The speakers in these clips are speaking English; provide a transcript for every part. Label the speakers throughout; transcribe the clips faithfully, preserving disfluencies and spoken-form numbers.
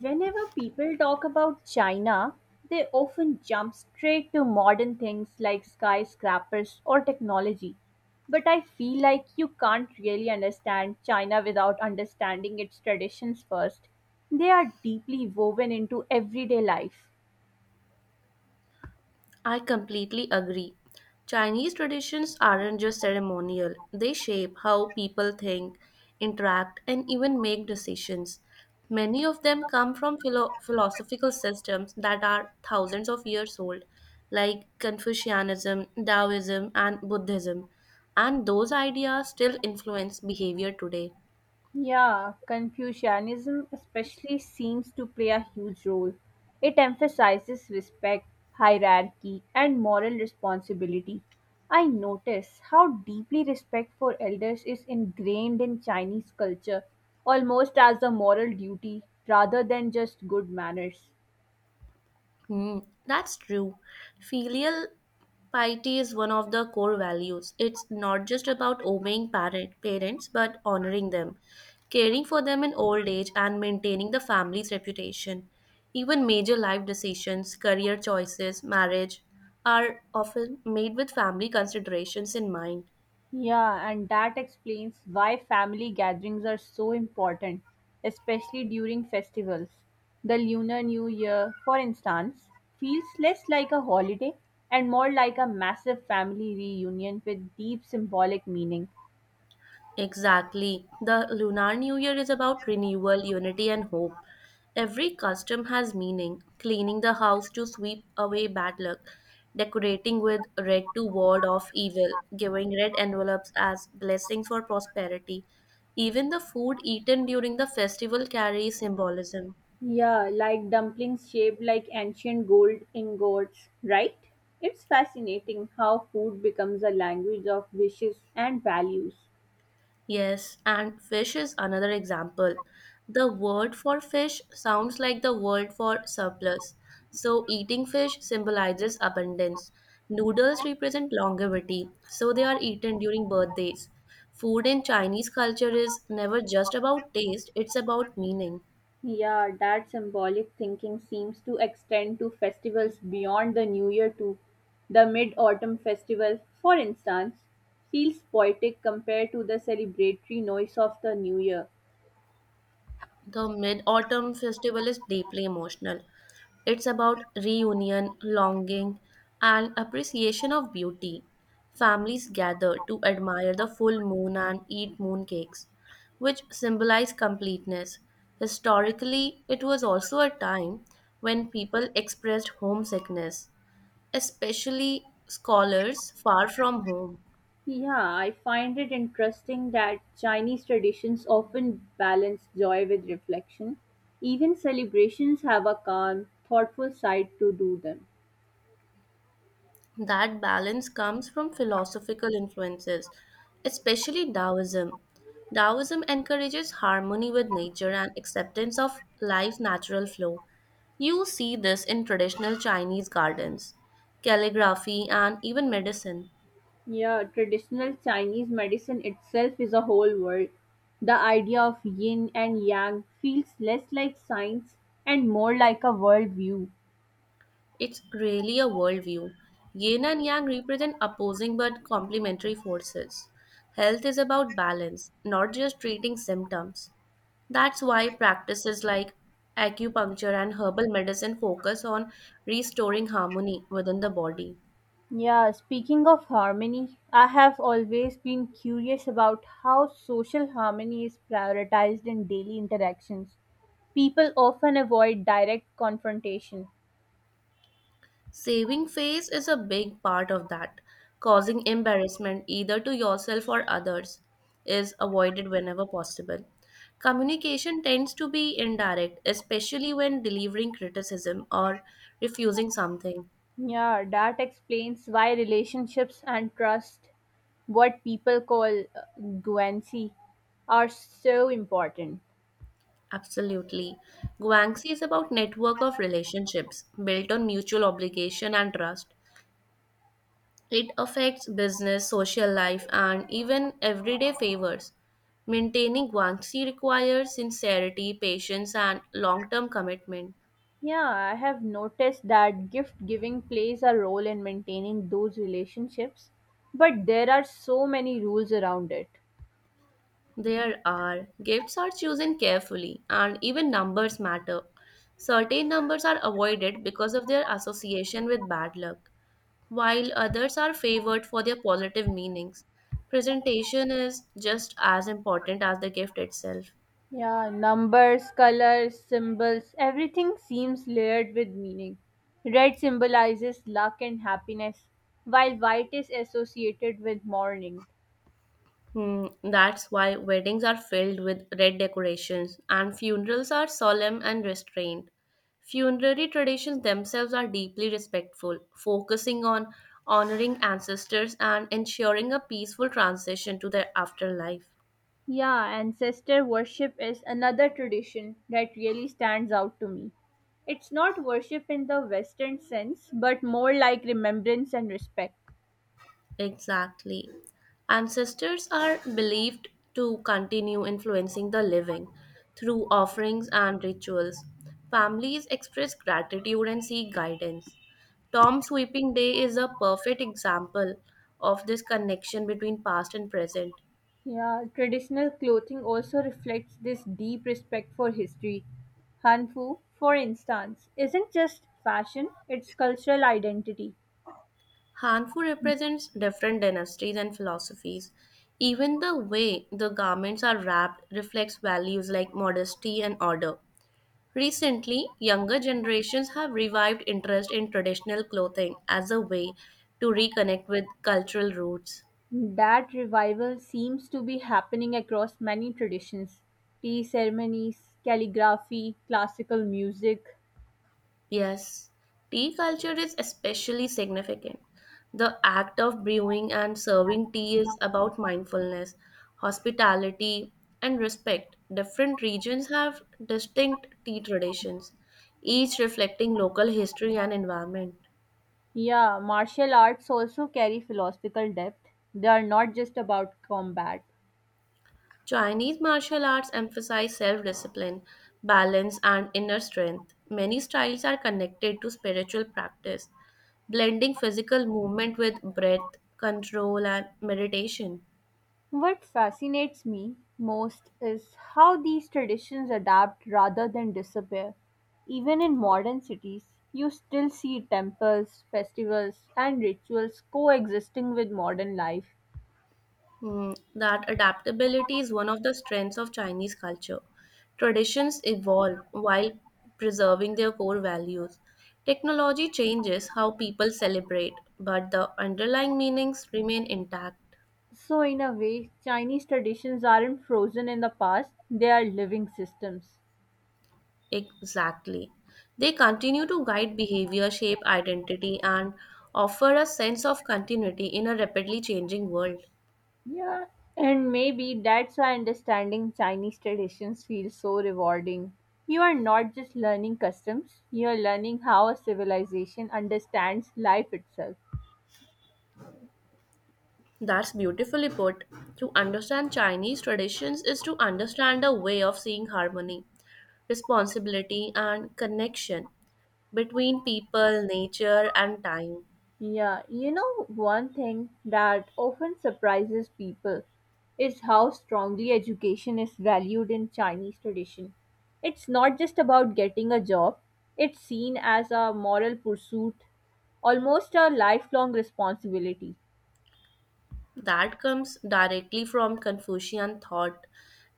Speaker 1: Whenever people talk about China, they often jump straight to modern things like skyscrapers or technology. But I feel like you can't really understand China without understanding its traditions first. They are deeply woven into everyday life.
Speaker 2: I completely agree. Chinese traditions aren't just ceremonial, they shape how people think, interact, and even make decisions. Many of them come from philo- philosophical systems that are thousands of years old, like Confucianism, Taoism, and Buddhism, and those ideas still influence behavior today.
Speaker 1: Yeah, Confucianism especially seems to play a huge role. It emphasizes respect, hierarchy, and moral responsibility. I notice how deeply respect for elders is ingrained in Chinese culture, almost as a moral duty rather than just good manners.
Speaker 2: Hmm, that's true. Filial piety is one of the core values. It's not just about obeying parent, parents, but honoring them, caring for them in old age, and maintaining the family's reputation. Even major life decisions, career choices, marriage are often made with family considerations in mind.
Speaker 1: Yeah, and that explains why family gatherings are so important, especially during festivals. The Lunar New Year, for instance, feels less like a holiday and more like a massive family reunion with deep symbolic meaning.
Speaker 2: Exactly. The Lunar New Year is about renewal, unity, and hope. Every custom has meaning. Cleaning the house to sweep away bad luck, decorating with red to ward off evil, giving red envelopes as blessings for prosperity. Even the food eaten during the festival carries symbolism.
Speaker 1: Yeah, like dumplings shaped like ancient gold ingots, right? It's fascinating how food becomes a language of wishes and values.
Speaker 2: Yes, and fish is another example. The word for fish sounds like the word for surplus. So, eating fish symbolizes abundance. Noodles represent longevity, so they are eaten during birthdays. Food in Chinese culture is never just about taste, it's about meaning.
Speaker 1: Yeah, that symbolic thinking seems to extend to festivals beyond the New Year too. The Mid Autumn Festival, for instance, feels poetic compared to the celebratory noise of the New Year.
Speaker 2: The Mid Autumn Festival is deeply emotional. It's about reunion, longing, and appreciation of beauty. Families gather to admire the full moon and eat mooncakes, which symbolize completeness. Historically, it was also a time when people expressed homesickness, especially scholars far from home.
Speaker 1: Yeah, I find it interesting that Chinese traditions often balance joy with reflection. Even celebrations have a calm, thoughtful side to do them.
Speaker 2: That balance comes from philosophical influences, especially Taoism. Taoism encourages harmony with nature and acceptance of life's natural flow. You see this in traditional Chinese gardens, calligraphy, and even medicine.
Speaker 1: Yeah, traditional Chinese medicine itself is a whole world. The idea of yin and yang feels less like science and more like a worldview.
Speaker 2: It's really a worldview. Yin and Yang represent opposing but complementary forces. Health is about balance, not just treating symptoms. That's why practices like acupuncture and herbal medicine focus on restoring harmony within the body.
Speaker 1: Yeah, speaking of harmony, I have always been curious about how social harmony is prioritized in daily interactions. People often avoid direct confrontation.
Speaker 2: Saving face is a big part of that. Causing embarrassment either to yourself or others is avoided whenever possible. Communication tends to be indirect, especially when delivering criticism or refusing something.
Speaker 1: Yeah, that explains why relationships and trust, what people call guancy, are so important.
Speaker 2: Absolutely. Guangxi is about network of relationships built on mutual obligation and trust. It affects business, social life, and even everyday favors. Maintaining Guangxi requires sincerity, patience, and long term commitment.
Speaker 1: Yeah, I have noticed that gift giving plays a role in maintaining those relationships, but there are so many rules around it.
Speaker 2: There are gifts are chosen carefully, and even numbers matter. Certain numbers are avoided because of their association with bad luck, while others are favored for their positive meanings. Presentation is just as important as the gift itself.
Speaker 1: Yeah, numbers, colors, symbols, everything seems layered with meaning. Red symbolizes luck and happiness, while white is associated with mourning.
Speaker 2: Hmm, that's why weddings are filled with red decorations and funerals are solemn and restrained. Funerary traditions themselves are deeply respectful, focusing on honoring ancestors and ensuring a peaceful transition to their afterlife.
Speaker 1: Yeah, ancestor worship is another tradition that really stands out to me. It's not worship in the Western sense, but more like remembrance and respect.
Speaker 2: Exactly. Ancestors are believed to continue influencing the living through offerings and rituals. Families express gratitude and seek guidance. Tom Sweeping Day is a perfect example of this connection between past and present.
Speaker 1: Yeah, traditional clothing also reflects this deep respect for history. Hanfu, for instance, isn't just fashion, it's cultural identity.
Speaker 2: Hanfu represents different dynasties and philosophies. Even the way the garments are wrapped reflects values like modesty and order. Recently, younger generations have revived interest in traditional clothing as a way to reconnect with cultural roots.
Speaker 1: That revival seems to be happening across many traditions: tea ceremonies, calligraphy, classical music.
Speaker 2: Yes, tea culture is especially significant. The act of brewing and serving tea is about mindfulness, hospitality, and respect. Different regions have distinct tea traditions, each reflecting local history and environment.
Speaker 1: Yeah, martial arts also carry philosophical depth. They are not just about combat.
Speaker 2: Chinese martial arts emphasize self discipline, balance, and inner strength. Many styles are connected to spiritual practice, blending physical movement with breath, control, and meditation.
Speaker 1: What fascinates me most is how these traditions adapt rather than disappear. Even in modern cities, you still see temples, festivals, and rituals coexisting with modern life.
Speaker 2: Hmm, that adaptability is one of the strengths of Chinese culture. Traditions evolve while preserving their core values. Technology changes how people celebrate, but the underlying meanings remain intact.
Speaker 1: So, in a way, Chinese traditions aren't frozen in the past, they are living systems.
Speaker 2: Exactly. They continue to guide behavior, shape identity, and offer a sense of continuity in a rapidly changing world.
Speaker 1: Yeah, and maybe that's why understanding Chinese traditions feels so rewarding. You are not just learning customs, you are learning how a civilization understands life itself.
Speaker 2: That's beautifully put. To understand Chinese traditions is to understand a way of seeing harmony, responsibility, and connection between people, nature, and time.
Speaker 1: Yeah, you know, one thing that often surprises people is how strongly education is valued in Chinese tradition. It's not just about getting a job, it's seen as a moral pursuit, almost a lifelong responsibility.
Speaker 2: That comes directly from Confucian thought.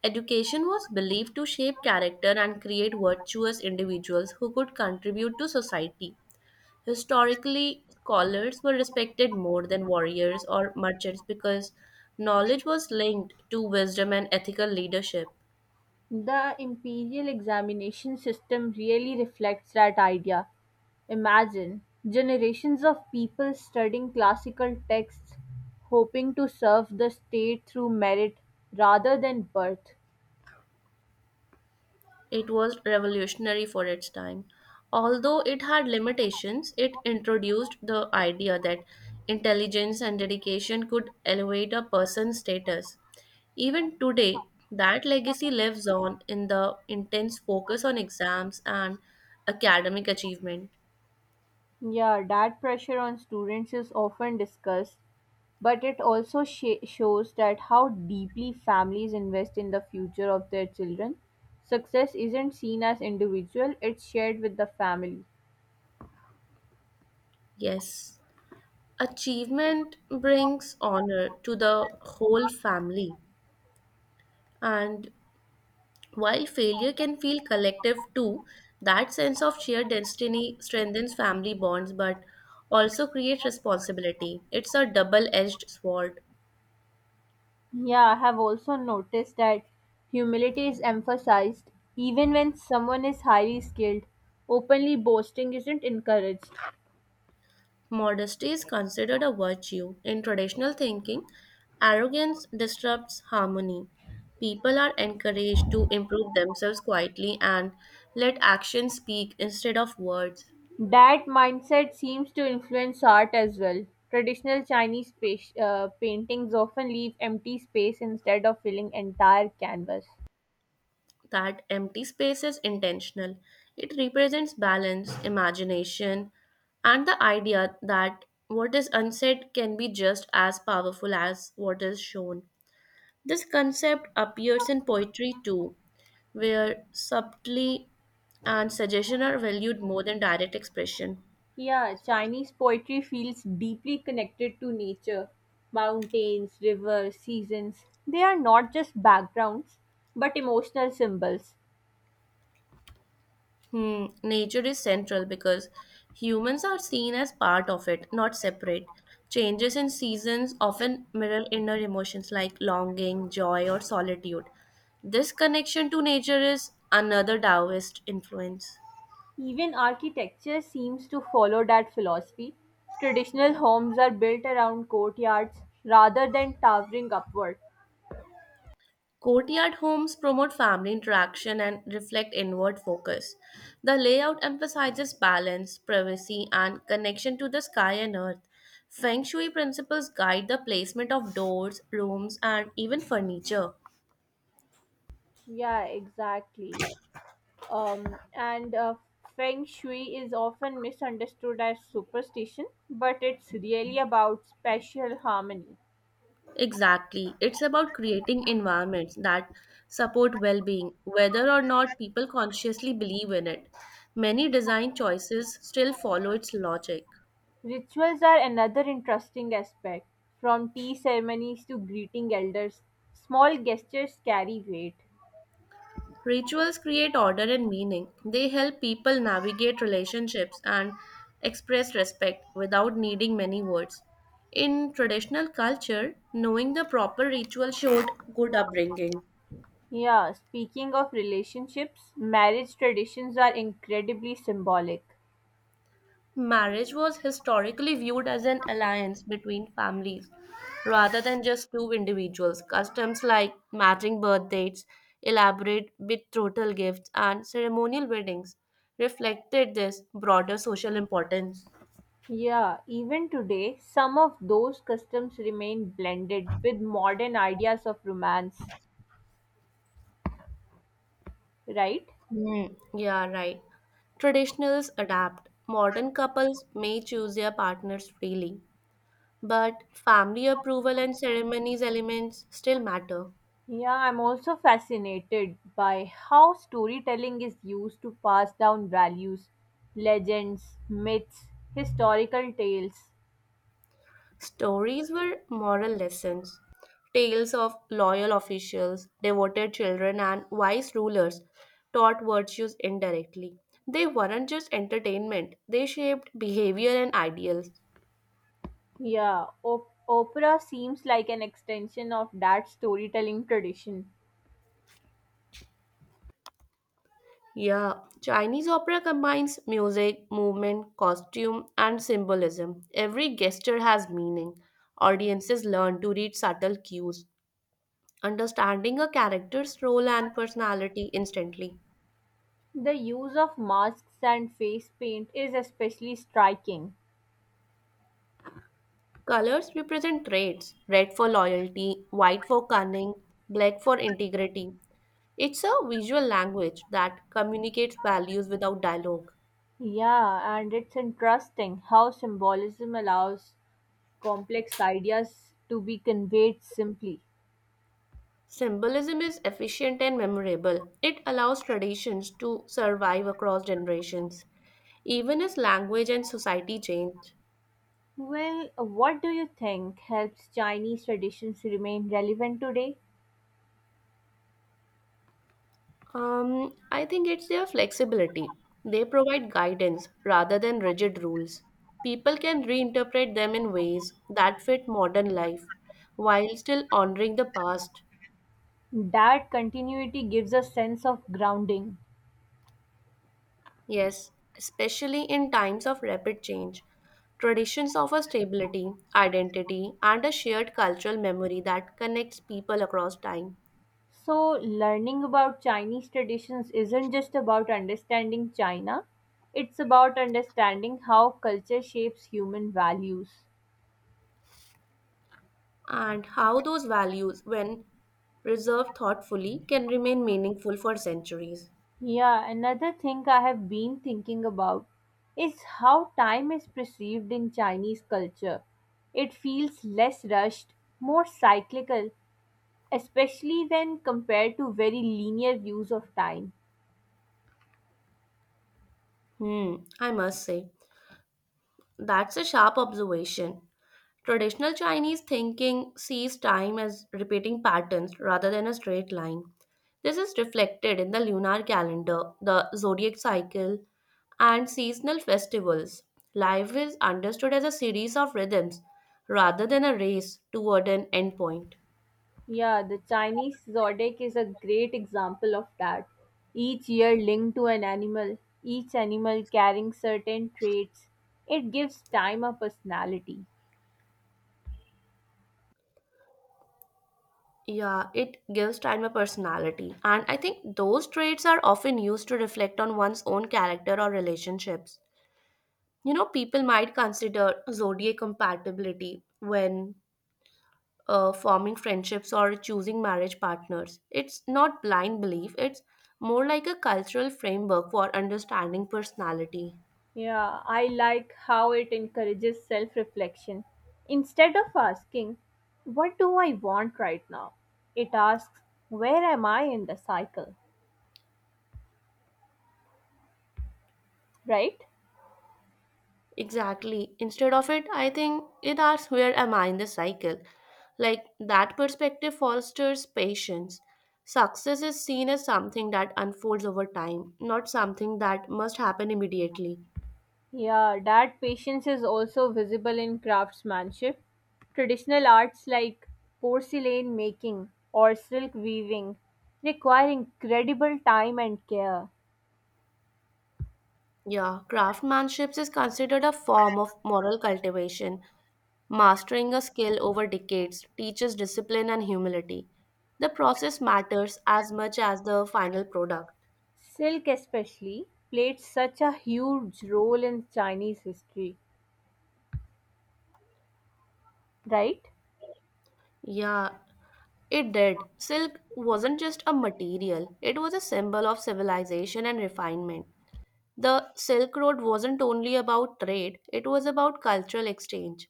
Speaker 2: Education was believed to shape character and create virtuous individuals who could contribute to society. Historically, scholars were respected more than warriors or merchants because knowledge was linked to wisdom and ethical leadership.
Speaker 1: The imperial examination system really reflects that idea. Imagine generations of people studying classical texts, hoping to serve the state through merit rather than birth.
Speaker 2: It was revolutionary for its time. Although it had limitations, it introduced the idea that intelligence and dedication could elevate a person's status. Even today, that legacy lives on in the intense focus on exams and academic achievement.
Speaker 1: Yeah, that pressure on students is often discussed, but it also sh- shows that how deeply families invest in the future of their children. Success isn't seen as individual, it's shared with the family.
Speaker 2: Yes, achievement brings honor to the whole family, and while failure can feel collective too, that sense of shared destiny strengthens family bonds but also creates responsibility. It's a double edged sword.
Speaker 1: Yeah, I have also noticed that humility is emphasized even when someone is highly skilled. Openly boasting isn't encouraged.
Speaker 2: Modesty is considered a virtue. In traditional thinking, arrogance disrupts harmony. People are encouraged to improve themselves quietly and let actions speak instead of words.
Speaker 1: That mindset seems to influence art as well. Traditional Chinese pa- uh, paintings often leave empty space instead of filling entire canvas.
Speaker 2: That empty space is intentional. It represents balance, imagination, and the idea that what is unsaid can be just as powerful as what is shown. This concept appears in poetry too, where subtlety and suggestion are valued more than direct expression.
Speaker 1: Yeah, Chinese poetry feels deeply connected to nature, mountains, rivers, seasons. They are not just backgrounds, but emotional symbols.
Speaker 2: Hmm, nature is central because humans are seen as part of it, not separate. Changes in seasons often mirror inner emotions like longing, joy, or solitude. This connection to nature is another Taoist influence.
Speaker 1: Even architecture seems to follow that philosophy. Traditional homes are built around courtyards rather than towering upward.
Speaker 2: Courtyard homes promote family interaction and reflect inward focus. The layout emphasizes balance, privacy, and connection to the sky and earth. Feng Shui principles guide the placement of doors, rooms, and even furniture.
Speaker 1: Yeah, exactly. Um, and uh, Feng Shui is often misunderstood as superstition, but it's really about spatial harmony.
Speaker 2: Exactly. It's about creating environments that support well being, whether or not people consciously believe in it. Many design choices still follow its logic.
Speaker 1: Rituals are another interesting aspect, from tea ceremonies to greeting elders. Small gestures carry weight.
Speaker 2: Rituals create order and meaning. They help people navigate relationships and express respect without needing many words. In traditional culture, knowing the proper ritual showed good upbringing.
Speaker 1: Yeah, speaking of relationships, marriage traditions are incredibly symbolic.
Speaker 2: Marriage was historically viewed as an alliance between families rather than just two individuals. Customs like matching birth dates, elaborate betrothal gifts, and ceremonial weddings reflected this broader social importance.
Speaker 1: Yeah, even today, some of those customs remain blended with modern ideas of romance, right?
Speaker 2: Mm, yeah, right. Traditionals adapt. Modern couples may choose their partners freely, but family approval and ceremonies elements still matter.
Speaker 1: Yeah, I'm also fascinated by how storytelling is used to pass down values, legends, myths, historical tales.
Speaker 2: Stories were moral lessons, tales of loyal officials, devoted children, and wise rulers taught virtues indirectly. They weren't just entertainment, they shaped behavior and ideals.
Speaker 1: Yeah, op- opera seems like an extension of that storytelling tradition.
Speaker 2: Yeah, Chinese opera combines music, movement, costume, and symbolism. Every gesture has meaning. Audiences learn to read subtle cues, understanding a character's role and personality instantly.
Speaker 1: The use of masks and face paint is especially striking.
Speaker 2: Colors represent traits red for loyalty, white for cunning, black for integrity. It's a visual language that communicates values without dialogue.
Speaker 1: Yeah, and it's interesting how symbolism allows complex ideas to be conveyed simply.
Speaker 2: Symbolism is efficient and memorable. It allows traditions to survive across generations, even as language and society change.
Speaker 1: Well, what do you think helps Chinese traditions remain relevant today?
Speaker 2: Um, I think it's their flexibility. They provide guidance rather than rigid rules. People can reinterpret them in ways that fit modern life while still honoring the past.
Speaker 1: That continuity gives a sense of grounding.
Speaker 2: Yes, especially in times of rapid change. Traditions offer stability, identity, and a shared cultural memory that connects people across time.
Speaker 1: So, learning about Chinese traditions isn't just about understanding China, it's about understanding how culture shapes human values.
Speaker 2: And how those values, when preserved thoughtfully, can remain meaningful for centuries.
Speaker 1: Yeah, another thing I have been thinking about is how time is perceived in Chinese culture. It feels less rushed, more cyclical, especially when compared to very linear views of time.
Speaker 2: Hmm, I must say, that's a sharp observation. Traditional Chinese thinking sees time as repeating patterns rather than a straight line. This is reflected in the lunar calendar, the zodiac cycle, and seasonal festivals. Life is understood as a series of rhythms rather than a race toward an endpoint.
Speaker 1: Yeah, the Chinese zodiac is a great example of that. Each year linked to an animal, each animal carrying certain traits. It gives time a personality.
Speaker 2: Yeah, it gives time a personality. And I think those traits are often used to reflect on one's own character or relationships. You know, people might consider zodiac compatibility when uh, forming friendships or choosing marriage partners. It's not blind belief, it's more like a cultural framework for understanding personality.
Speaker 1: Yeah, I like how it encourages self reflection. Instead of asking, "What do I want right now?" it asks, "Where am I in the cycle?" Right?
Speaker 2: Exactly. Instead of it, I think it asks where am I in the cycle? Like that perspective fosters patience. Success is seen as something that unfolds over time, not something that must happen immediately.
Speaker 1: Yeah, that patience is also visible in craftsmanship. Traditional arts like porcelain making or silk weaving require incredible time and care.
Speaker 2: Yeah, craftsmanship is considered a form of moral cultivation. Mastering a skill over decades teaches discipline and humility. The process matters as much as the final product.
Speaker 1: Silk, especially, played such a huge role in Chinese history, right?
Speaker 2: Yeah, it did. Silk wasn't just a material, it was a symbol of civilization and refinement. The Silk Road wasn't only about trade, it was about cultural exchange,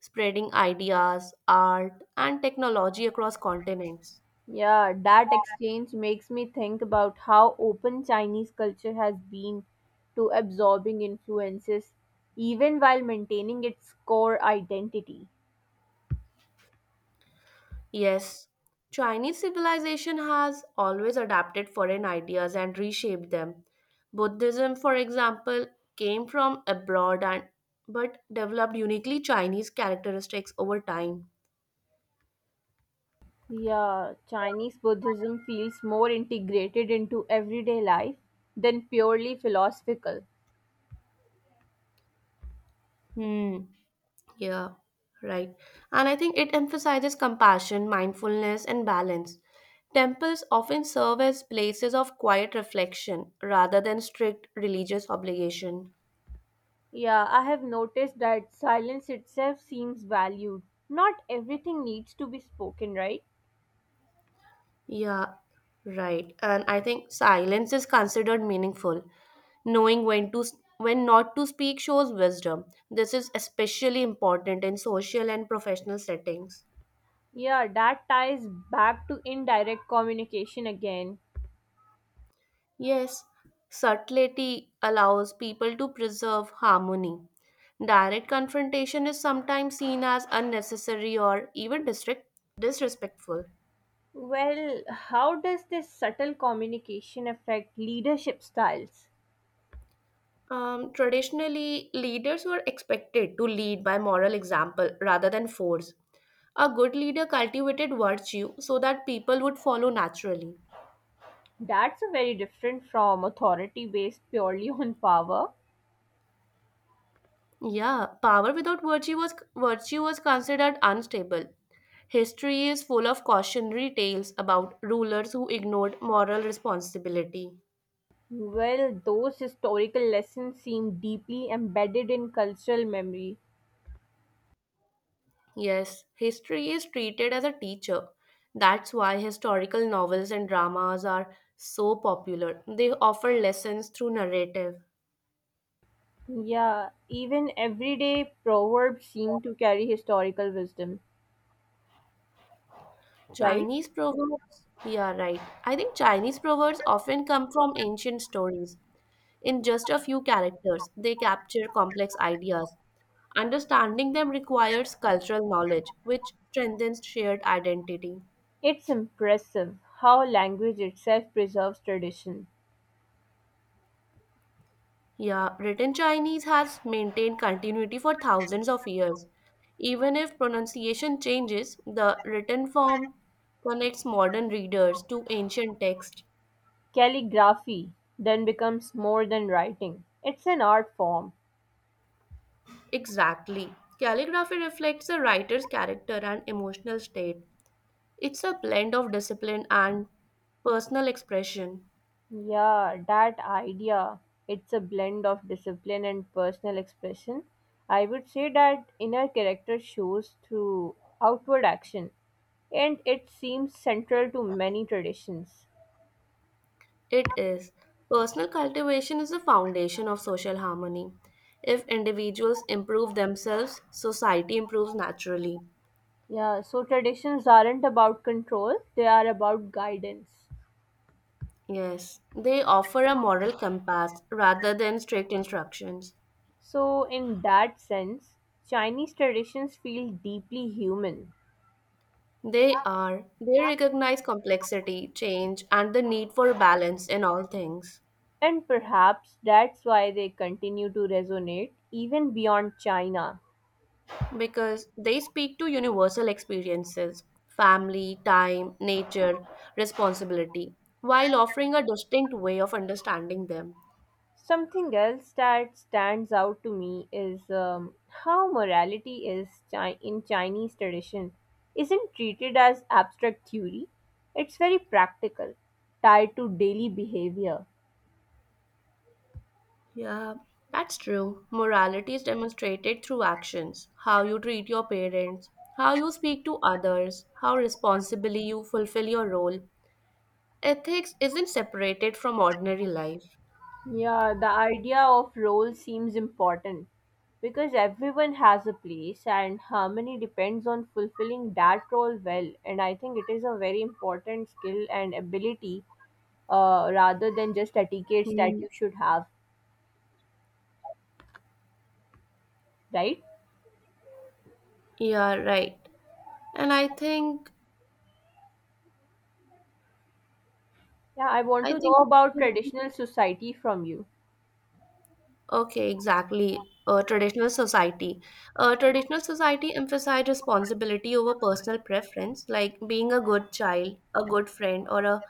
Speaker 2: spreading ideas, art, and technology across continents.
Speaker 1: Yeah, that exchange makes me think about how open Chinese culture has been to absorbing influences, even while maintaining its core identity.
Speaker 2: Yes, Chinese civilization has always adapted foreign ideas and reshaped them. Buddhism, for example, came from abroad and but developed uniquely Chinese characteristics over time.
Speaker 1: Yeah, Chinese Buddhism feels more integrated into everyday life than purely philosophical.
Speaker 2: Hmm. Yeah. Right. And I think it emphasizes compassion, mindfulness, and balance. Temples often serve as places of quiet reflection rather than strict religious obligation.
Speaker 1: Yeah, I have noticed that silence itself seems valued. Not everything needs to be spoken, right?
Speaker 2: Yeah, right. And I think silence is considered meaningful. Knowing when to s- when not to speak shows wisdom. This is especially important in social and professional settings.
Speaker 1: Yeah, that ties back to indirect communication again.
Speaker 2: Yes, subtlety allows people to preserve harmony. Direct confrontation is sometimes seen as unnecessary or even disrespect- disrespectful.
Speaker 1: Well, how does this subtle communication affect leadership styles?
Speaker 2: Um, traditionally, leaders were expected to lead by moral example rather than force. A good leader cultivated virtue so that people would follow naturally.
Speaker 1: That's a very different from authority based purely on power.
Speaker 2: Yeah, power without virtue was virtue was considered unstable. History is full of cautionary tales about rulers who ignored moral responsibility.
Speaker 1: Well, those historical lessons seem deeply embedded in cultural memory.
Speaker 2: Yes, history is treated as a teacher. That's why historical novels and dramas are so popular. They offer lessons through narrative.
Speaker 1: Yeah, even everyday proverbs seem to carry historical wisdom, right?
Speaker 2: Chinese proverbs, yeah, right. I think Chinese proverbs often come from ancient stories. In just a few characters, they capture complex ideas. Understanding them requires cultural knowledge, which strengthens shared identity.
Speaker 1: It's impressive how language itself preserves tradition.
Speaker 2: Yeah, written Chinese has maintained continuity for thousands of years. Even if pronunciation changes, the written form connects modern readers to ancient text.
Speaker 1: Calligraphy then becomes more than writing, it's an art form.
Speaker 2: Exactly. Calligraphy reflects the writer's character and emotional state. It's a blend of discipline and personal expression.
Speaker 1: Yeah, that idea. It's a blend of discipline and personal expression. I would say that inner character shows through outward action, and it seems central to many traditions.
Speaker 2: It is. Personal cultivation is the foundation of social harmony. If individuals improve themselves, society improves naturally.
Speaker 1: Yeah, so traditions aren't about control, they are about guidance.
Speaker 2: Yes, they offer a moral compass rather than strict instructions.
Speaker 1: So, in that sense, Chinese traditions feel deeply human,
Speaker 2: They are, they recognize complexity, change, and the need for balance in all things
Speaker 1: and perhaps that's why they continue to resonate even beyond China.
Speaker 2: because they speak to universal experiences family, time, nature, responsibility while offering a distinct way of understanding them.
Speaker 1: Something else that stands out to me is um, how morality is chi- in Chinese tradition isn't treated as abstract theory. It's very practical, tied to daily behavior.
Speaker 2: Yeah, that's true. Morality is demonstrated through actions how you treat your parents, how you speak to others, how responsibly you fulfill your role. Ethics isn't separated from ordinary life.
Speaker 1: Yeah, the idea of role seems important because everyone has a place and harmony depends on fulfilling that role well. And I think it is a very important skill and ability uh, rather than just etiquettes
Speaker 2: Hmm.
Speaker 1: that you should have, right?
Speaker 2: Yeah, right. And I think,
Speaker 1: Yeah, I want
Speaker 2: I
Speaker 1: to know
Speaker 2: think.
Speaker 1: about traditional society from you.
Speaker 2: Okay, exactly. Uh, traditional society. Uh, traditional society emphasize responsibility over personal preference, like being a good child, a good friend, or a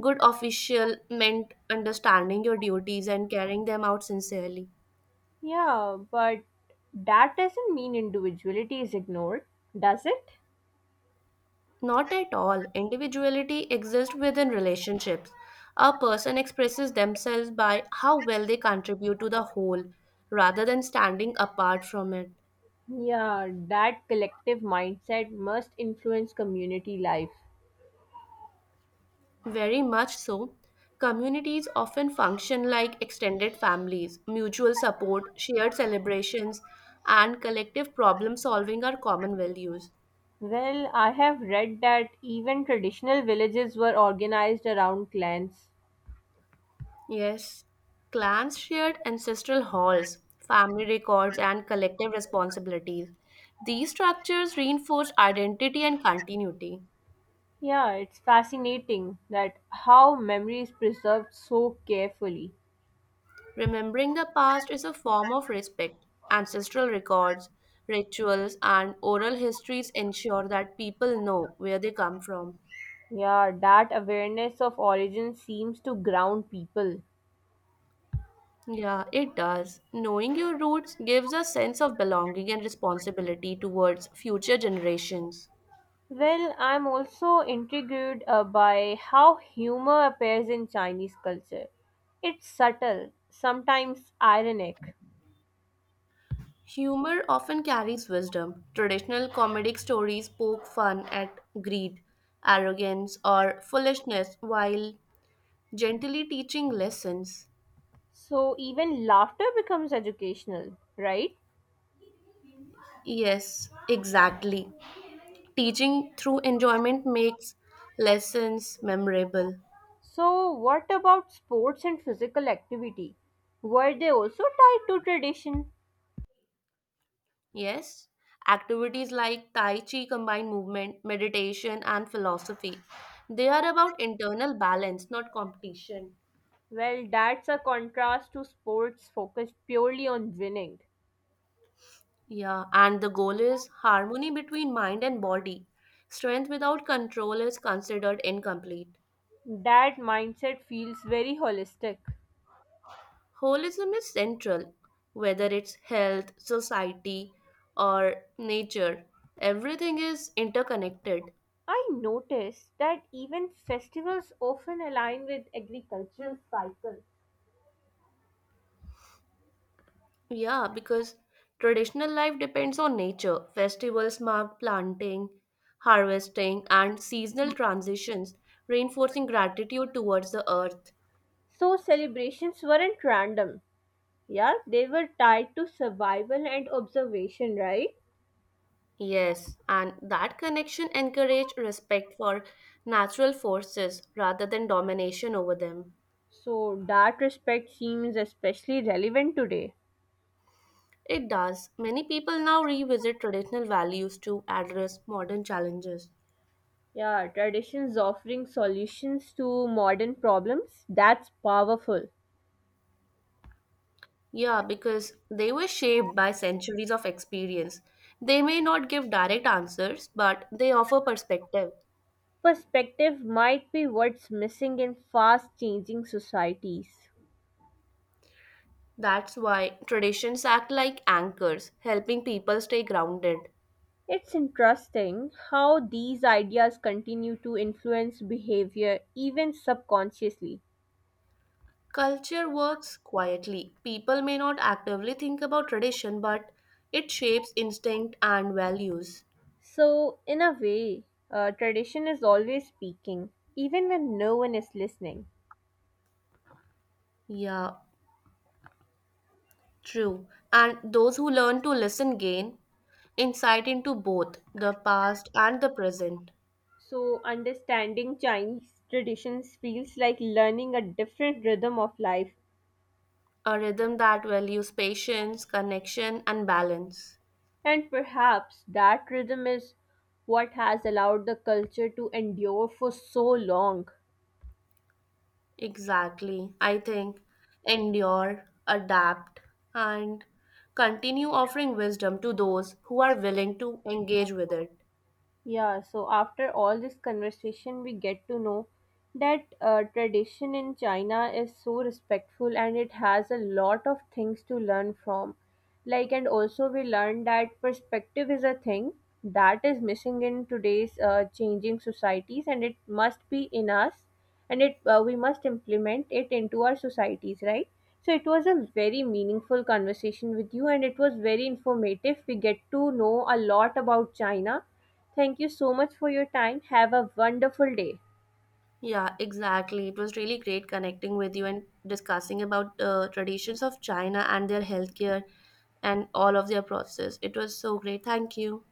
Speaker 2: good official meant understanding your duties and carrying them out sincerely.
Speaker 1: Yeah, but that doesn't mean individuality is ignored, does it?
Speaker 2: Not at all. Individuality exists within relationships. A person expresses themselves by how well they contribute to the whole rather than standing apart from it.
Speaker 1: Yeah, that collective mindset must influence community life.
Speaker 2: Very much so. Communities often function like extended families. Mutual support, shared celebrations, and collective problem solving are common values.
Speaker 1: Well, I have read that even traditional villages were organized around clans.
Speaker 2: Yes, clans shared ancestral halls, family records, and collective responsibilities. These structures reinforce identity and continuity.
Speaker 1: Yeah, it's fascinating that how memory is preserved so carefully.
Speaker 2: Remembering the past is a form of respect. Ancestral records, rituals, and oral histories ensure that people know where they come from.
Speaker 1: Yeah, that awareness of origin seems to ground people.
Speaker 2: Yeah, it does. Knowing your roots gives a sense of belonging and responsibility towards future generations.
Speaker 1: Well, I'm also intrigued uh, by how humor appears in Chinese culture. It's subtle, sometimes ironic.
Speaker 2: Humor often carries wisdom. Traditional comedic stories poke fun at greed, arrogance, or foolishness while gently teaching lessons.
Speaker 1: So even laughter becomes educational, right?
Speaker 2: Yes, exactly. Teaching through enjoyment makes lessons memorable.
Speaker 1: So, what about sports and physical activity? Were they also tied to tradition?
Speaker 2: Yes, activities like Tai Chi combine movement, meditation, and philosophy. They are about internal balance, not competition.
Speaker 1: Well, that's a contrast to sports focused purely on winning.
Speaker 2: Yeah, and the goal is harmony between mind and body. Strength without control is considered incomplete.
Speaker 1: That mindset feels very holistic.
Speaker 2: Holism is central, whether it's health, society, or nature. Everything is interconnected.
Speaker 1: I noticed that even festivals often align with agricultural cycles.
Speaker 2: Yeah, because traditional life depends on nature. Festivals mark planting, harvesting, and seasonal transitions, reinforcing gratitude towards the earth.
Speaker 1: So celebrations weren't random. Yeah, they were tied to survival and observation, right?
Speaker 2: Yes, and that connection encourage respect for natural forces rather than domination over them.
Speaker 1: So that respect seems especially relevant today.
Speaker 2: It does. Many people now revisit traditional values to address modern challenges.
Speaker 1: Yeah, traditions offering solutions to modern problems, that's powerful.
Speaker 2: Yeah, because they were shaped by centuries of experience. They may not give direct answers, but they offer perspective.
Speaker 1: Perspective might be what's missing in fast changing societies.
Speaker 2: That's why traditions act like anchors, helping people stay grounded.
Speaker 1: It's interesting how these ideas continue to influence behavior even subconsciously.
Speaker 2: Culture works quietly. People may not actively think about tradition, but it shapes instinct and values.
Speaker 1: So, in a way, uh, tradition is always speaking, even when no one is listening.
Speaker 2: Yeah, true. And those who learn to listen gain insight into both the past and the present,
Speaker 1: So, understanding Chinese traditions feels like learning a different rhythm of life,
Speaker 2: a rhythm that values patience, connection, and balance.
Speaker 1: and perhaps that rhythm is what has allowed the culture to endure for so long.
Speaker 2: Exactly. I think endure, adapt, and continue offering wisdom to those who are willing to engage with it.
Speaker 1: Yeah, so after all this conversation, we get to know that uh, tradition in China is so respectful and it has a lot of things to learn from. Like, and also we learned that perspective is a thing that is missing in today's uh, changing societies, and it must be in us, and it uh, we must implement it into our societies, right? So it was a very meaningful conversation with you, and it was very informative. We get to know a lot about China. Thank you so much for your time. Have a wonderful day.
Speaker 2: Yeah, exactly. It was really great connecting with you and discussing about uh, traditions of China and their healthcare and all of their process. It was so great. Thank you.